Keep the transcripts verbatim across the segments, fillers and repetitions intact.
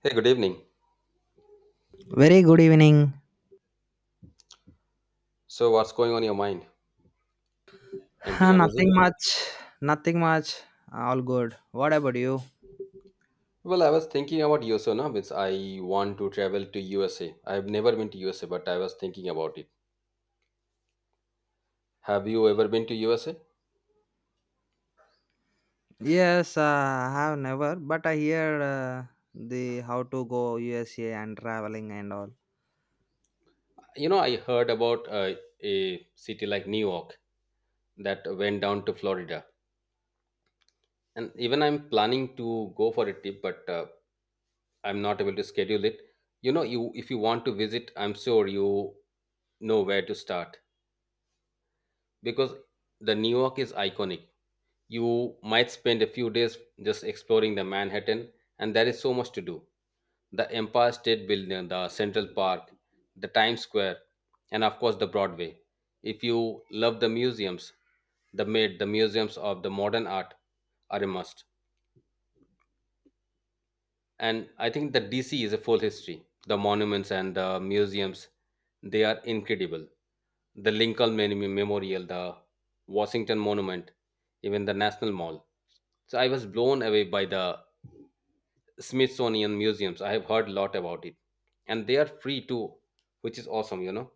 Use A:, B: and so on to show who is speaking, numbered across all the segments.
A: Hey, good evening.
B: Very good evening.
A: So, what's going on in your mind?
B: Huh,
A: Anything amazing?
B: nothing much. Nothing much. Uh, All good. What about you?
A: Well, I was thinking about U S A now, means I want to travel to U S A. I've never been to U S A, but I was thinking about it. Have you ever been to U S A?
B: Yes, uh, I have never, but I hear uh, the how to go U S A and traveling and all.
A: You know, I heard about uh, a city like New York that went down to Florida, and even I'm planning to go for a trip, but uh, I'm not able to schedule it. You know, you if you want to visit, I'm sure you know where to start, because the New York is iconic. You might spend a few days just exploring the Manhattan, and there is so much to do. The Empire State Building, the Central Park, the Times Square, and of course the Broadway. If you love the museums, the Met, the museums of the modern art are a must. And I think that DC is a full history, the monuments and the museums, they are incredible. The Lincoln Mem- memorial, the Washington monument, even the national mall. So I was blown away by the Smithsonian museums, I have heard a lot about it, and they are free too, which is awesome, you know.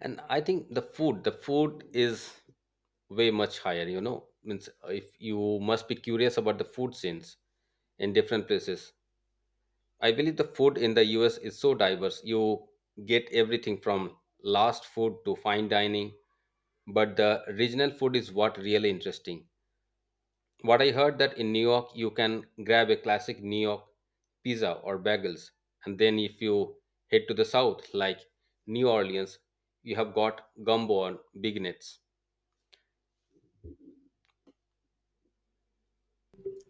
A: And I think the food the food is way much higher, you know, means if you must be curious about the food scenes in different places. I believe the food in the U S is so diverse. You get everything from last food to fine dining, but the regional food is what really interesting. What I heard that in New York you can grab a classic New York pizza or bagels, and then if you head to the south like New Orleans, you have got gumbo and big nets.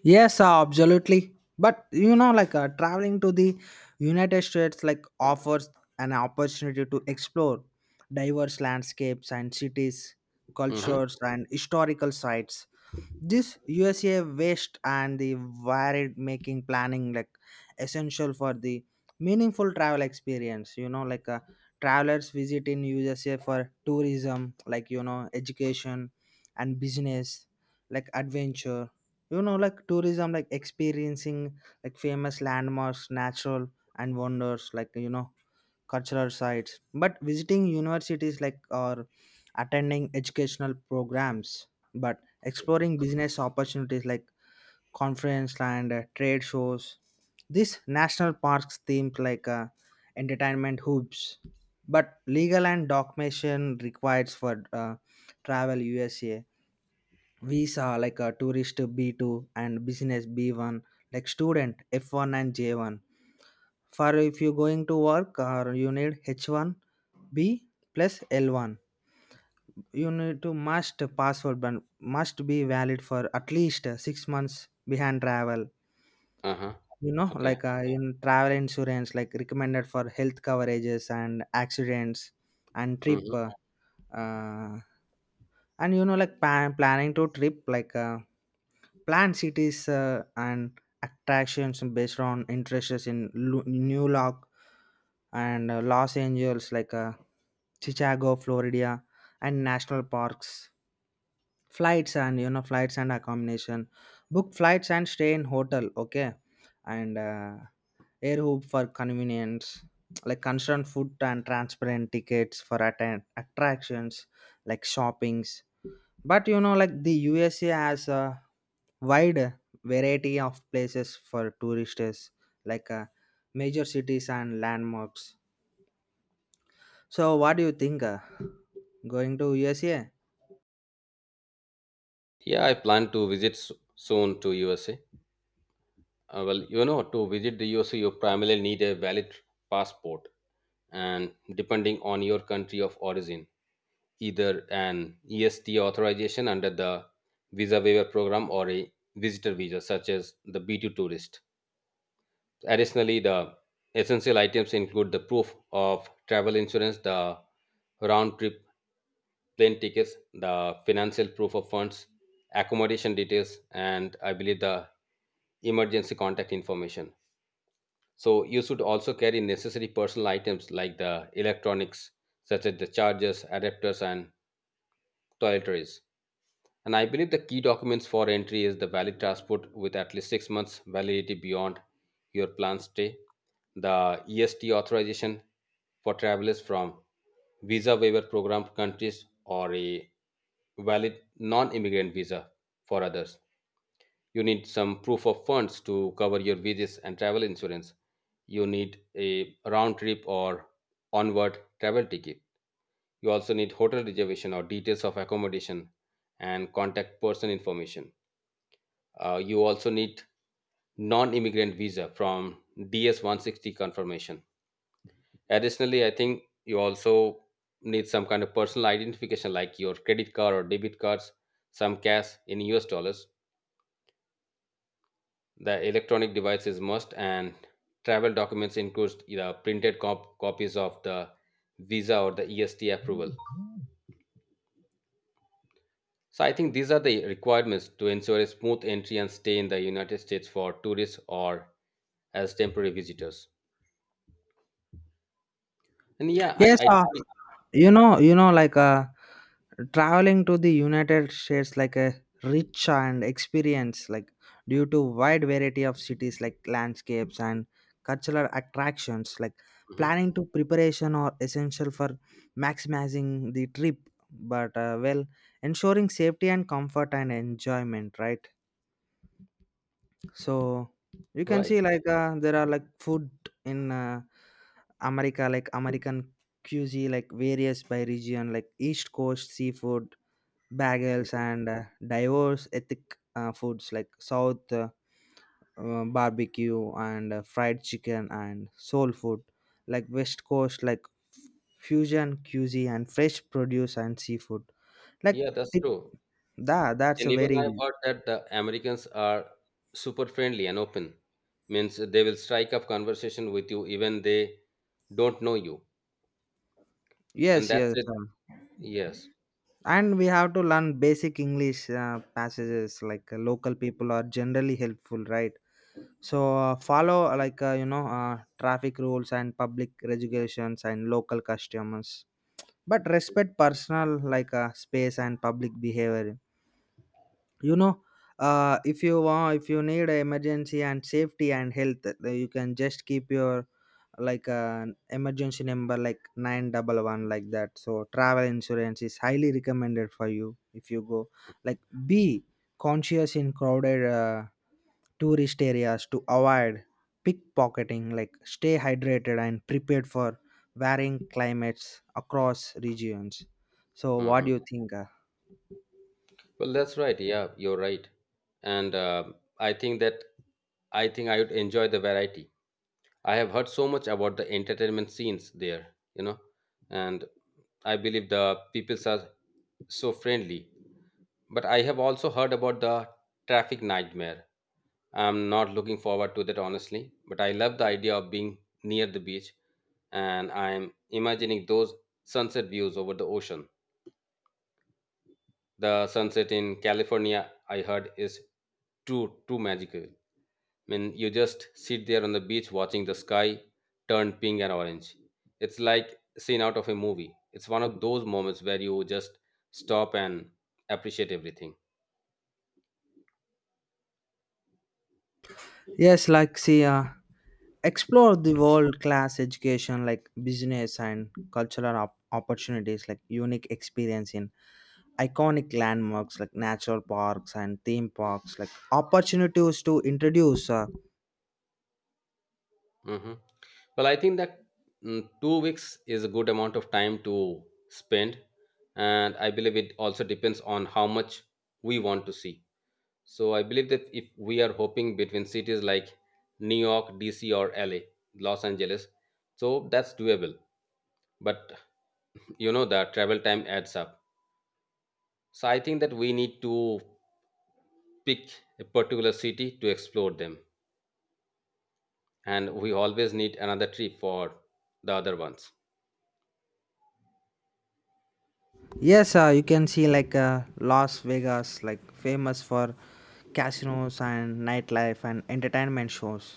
B: Yes, uh, absolutely. But you know, like uh, traveling to the United States, like offers an opportunity to explore diverse landscapes and cities,
A: Mm-hmm.
B: cultures, and historical sites. This USA waste and the varied, making planning like essential for the meaningful travel experience. You know, like uh, travelers visit in USA for tourism, like you know, education and business, like adventure. You know, like tourism, like experiencing like famous landmarks, natural and wonders, like you know, cultural sites, but visiting universities like, or attending educational programs, but exploring business opportunities like conference and uh, trade shows, these national parks themed like uh, entertainment hubs, but legal and documentation requires for uh, travel USA visa like a tourist b two and business b one, like student f one and j one, for if you're going to work, or you need h one B plus L one. You need to must password ban must be valid for at least uh, six months behind travel.
A: Uh-huh.
B: You know,
A: Okay.
B: like uh, in travel insurance, like recommended for health coverages and accidents and trip
A: Mm-hmm.
B: uh, uh, and you know, like pan- planning to trip, like uh, plan cities uh, and attractions based on interests in Lu- New York and uh, Los Angeles, like uh, Chicago, Florida, and national parks, flights and you know, flights and accommodation, book flights and stay in hotel, okay, and uh, air hub for convenience, like concerned food and transparent tickets for attend attractions like shoppings. But you know, like the U S A has a wide variety of places for tourists, like uh, major cities and landmarks. So, what do you think? Uh, going to U S A?
A: Yeah, I plan to visit s- soon to U S A. Uh, well, you know, to visit the U S, you primarily need a valid passport, and depending on your country of origin, either an E S T authorization under the visa waiver program or a visitor visa, such as the B two tourist. Additionally, the essential items include the proof of travel insurance, the round trip plane tickets, the financial proof of funds, accommodation details, and I believe the emergency contact information. So you should also carry necessary personal items like the electronics, such as the chargers, adapters, and toiletries. And I believe the key documents for entry is the valid passport with at least six months validity beyond your planned stay, the E S T authorization for travelers from visa waiver program countries or a valid non-immigrant visa for others. You need some proof of funds to cover your wages and travel insurance. You need a round trip or onward travel ticket. You also need hotel reservation or details of accommodation and contact person information. Uh, you also need non-immigrant visa from D S one sixty confirmation. Additionally, I think you also need some kind of personal identification like your credit card or debit cards, some cash in US dollars. The electronic devices must and travel documents includes the printed cop- copies of the visa or the E S T approval. So I think these are the requirements to ensure a smooth entry and stay in the United States for tourists or as temporary visitors. And yeah, I,
B: Yes,
A: I
B: uh, you know, you know, like uh, traveling to the United States like a rich and experience, like due to wide variety of cities, like landscapes and cultural attractions. Like
A: Mhm.
B: planning to preparation are essential for maximizing the trip, but uh, well, ensuring safety and comfort and enjoyment, right? So you can
A: Right.
B: see like uh, there are like food in uh, America, like American cuisine, like various by region, like east coast seafood, bagels
A: Mhm.
B: and uh, diverse ethnic uh, foods, like south uh, uh, barbecue and uh, fried chicken and soul food, like west coast, like fusion cuisine and fresh produce and seafood, like
A: Yeah, that's
B: it,
A: true.
B: that that's
A: And
B: a
A: even
B: very
A: I've heard that the Americans are super friendly and open. Means they will strike up conversation with you even they don't know you. And
B: yes,
A: that's
B: yes,
A: it.
B: uh,
A: Yes.
B: and we have to learn basic English uh, passages, like uh, local people are generally helpful, right? So uh, follow uh, like uh, you know, uh, traffic rules and public regulations and local customers, but respect personal, like uh, space and public behavior. You know, uh, if you want, if you need a emergency and safety and health, uh, you can just keep your like an emergency number like nine one one, like that. So travel insurance is highly recommended for you if you go, like be conscious in crowded uh, tourist areas to avoid pickpocketing, like stay hydrated and prepared for varying climates across regions. So what
A: Hmm.
B: do you think, uh?
A: Well, that's right. Yeah, you're right. And uh, I think that I think I would enjoy the variety. I have heard so much about the entertainment scenes there, you know, and I believe the peoples are so friendly. But I have also heard about the traffic nightmare. I'm not looking forward to that honestly, but I love the idea of being near the beach and I'm imagining those sunset views over the ocean. The sunset in California, I heard, is too too magical. I mean, you just sit there on the beach watching the sky turn pink and orange. It's like a scene out of a movie. It's one of those moments where you just stop and appreciate everything.
B: Yes, like see, uh, explore the world class education, like business and cultural op- opportunities, like unique experience in iconic landmarks, like natural parks and theme parks, like opportunities to introduce uh,
A: Hmm. Well, I think that mm, two weeks is a good amount of time to spend, and I believe it also depends on how much we want to see. So I believe that if we are hoping between cities like New York, D C, or L A, Los Angeles, so that's doable, but you know the travel time adds up. So I think that we need to pick a particular city to explore them, and we always need another trip for the other ones.
B: yes, uh, you can see like uh, Las Vegas, like famous for casinos and nightlife and entertainment shows,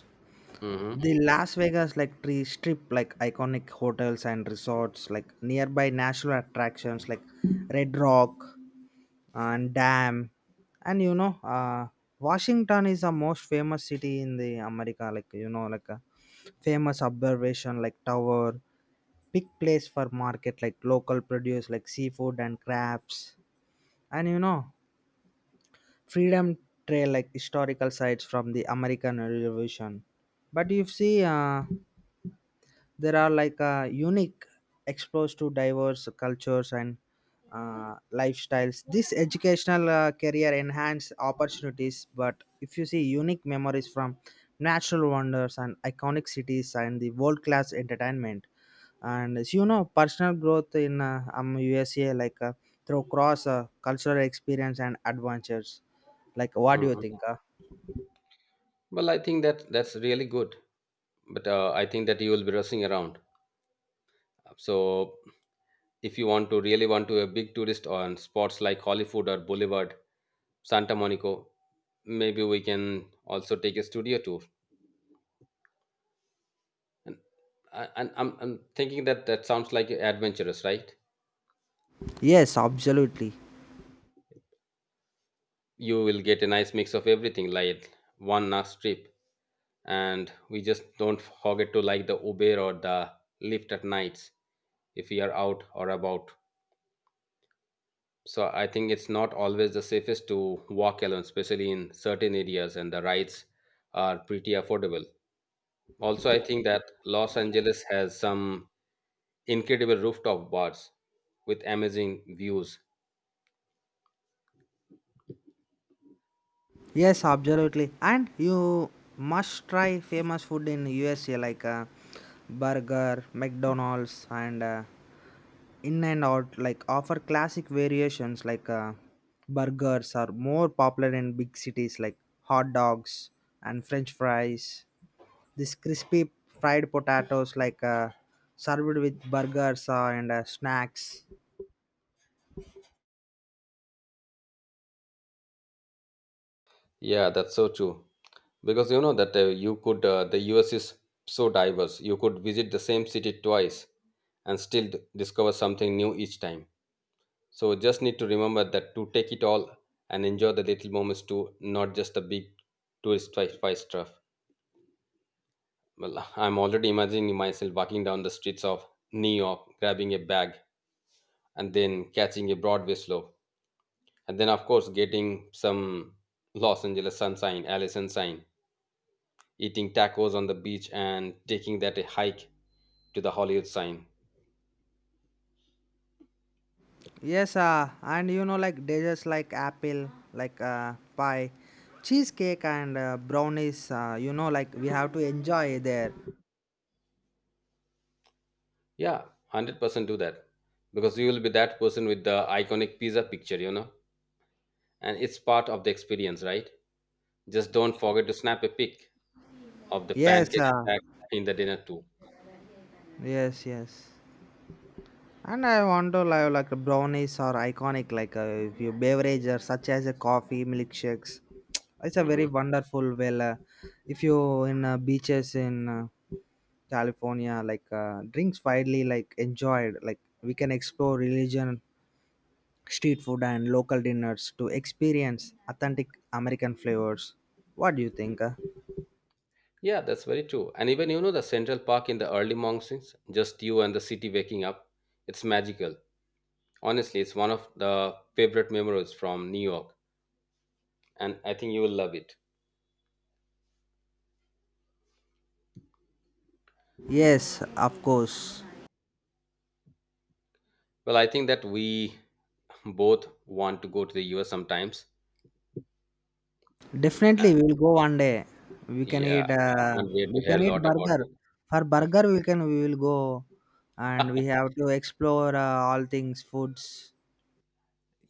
A: Hmm.
B: the Las Vegas like tree strip, like iconic hotels and resorts, like nearby national attractions like red rock and dam. And you know, uh, Washington is the most famous city in the America, like you know, like a famous observation like tower, big place for market, like local produce, like seafood and crafts. And you know, freedom trail, like historical sites from the American revolution. But you see, uh, there are like uh, unique exposed to diverse cultures and uh, lifestyles, this educational uh, career enhance opportunities. But if you see unique memories from natural wonders and iconic cities and the world class entertainment, and as you know, personal growth in uh, um, USA, like uh, through cross uh, cultural experience and adventures, like what do you
A: Hmm.
B: think, uh?
A: Well, I think that that's really good, but uh, I think that you will be rushing around. So if you want to really want to a big tourist on spots like Hollywood or Boulevard, Santa Monica, maybe we can also take a studio tour, and, I- and I'm, I'm thinking that that sounds like adventurous, right?
B: Yes, absolutely.
A: You will get a nice mix of everything, like one nice trip. And we just don't forget to like the Uber or the Lyft at nights if we are out or about. So I think it's not always the safest to walk alone especially in certain areas, and the rides are pretty affordable. Also I think that Los Angeles has some incredible rooftop bars with amazing views.
B: Yes, absolutely. And you must try famous food in U S A, like uh, burger, McDonald's, and uh, in and out, like offer classic variations, like uh, burgers are more popular in big cities, like hot dogs and French fries. This crispy fried potatoes, like uh, served with burgers uh, and uh, snacks.
A: Yeah, that's so true, because you know that uh, you could uh, the US is so diverse. You could visit the same city twice and still d- discover something new each time. So just need to remember that to take it all and enjoy the little moments too, not just the big tourist twi- twice stuff. Well, I'm already imagining myself walking down the streets of New York, grabbing a bag, and then catching a Broadway slow, and then of course getting some Los Angeles sunshine, LA sunshine, eating tacos on the beach and taking that a hike to the Hollywood sign.
B: Yes, uh, and you know, like desserts like apple, like uh, pie, cheesecake, and uh, brownies. Uh, you know, like we have to enjoy there.
A: Yeah, one hundred percent do that, because you will be that person with the iconic pizza picture, you know, and it's part of the experience, right? Just don't forget to snap a pic of the
B: Yes,
A: pancake
B: uh,
A: stack in the dinner too.
B: yes, yes. And I want to like, like brownies are iconic, like uh, if you beverage or such as a coffee, milkshakes. It's a very
A: Hmm.
B: wonderful. Well, uh, if you in uh, beaches in uh, California, like uh, drinks widely like enjoyed. Like we can explore religion street food and local dinners to experience authentic American flavors. What do you think, uh?
A: Yeah, that's very true. And even, you know, the Central Park in the early mornings, just you and the city waking up, it's magical. Honestly, it's one of the favorite memories from New York, and I think you will love it.
B: Yes, of course.
A: Well, I think that we both want to go to the U S sometimes.
B: Definitely, we will go one day. We can
A: Yeah,
B: eat.
A: I
B: Uh,
A: can't wait to
B: we
A: hear a
B: can eat
A: lot about
B: burger.
A: it.
B: For burger, we can. We will go, and we have to explore uh, all things foods.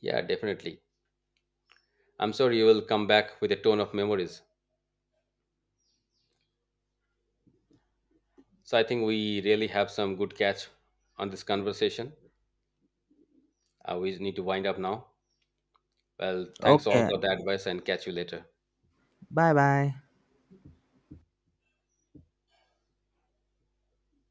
A: Yeah, definitely. I'm sure you will come back with a ton of memories. So I think we really have some good catch on this conversation. Uh, we need to wind up now. Well, thanks all
B: Okay.
A: for the advice and catch you later.
B: Bye bye.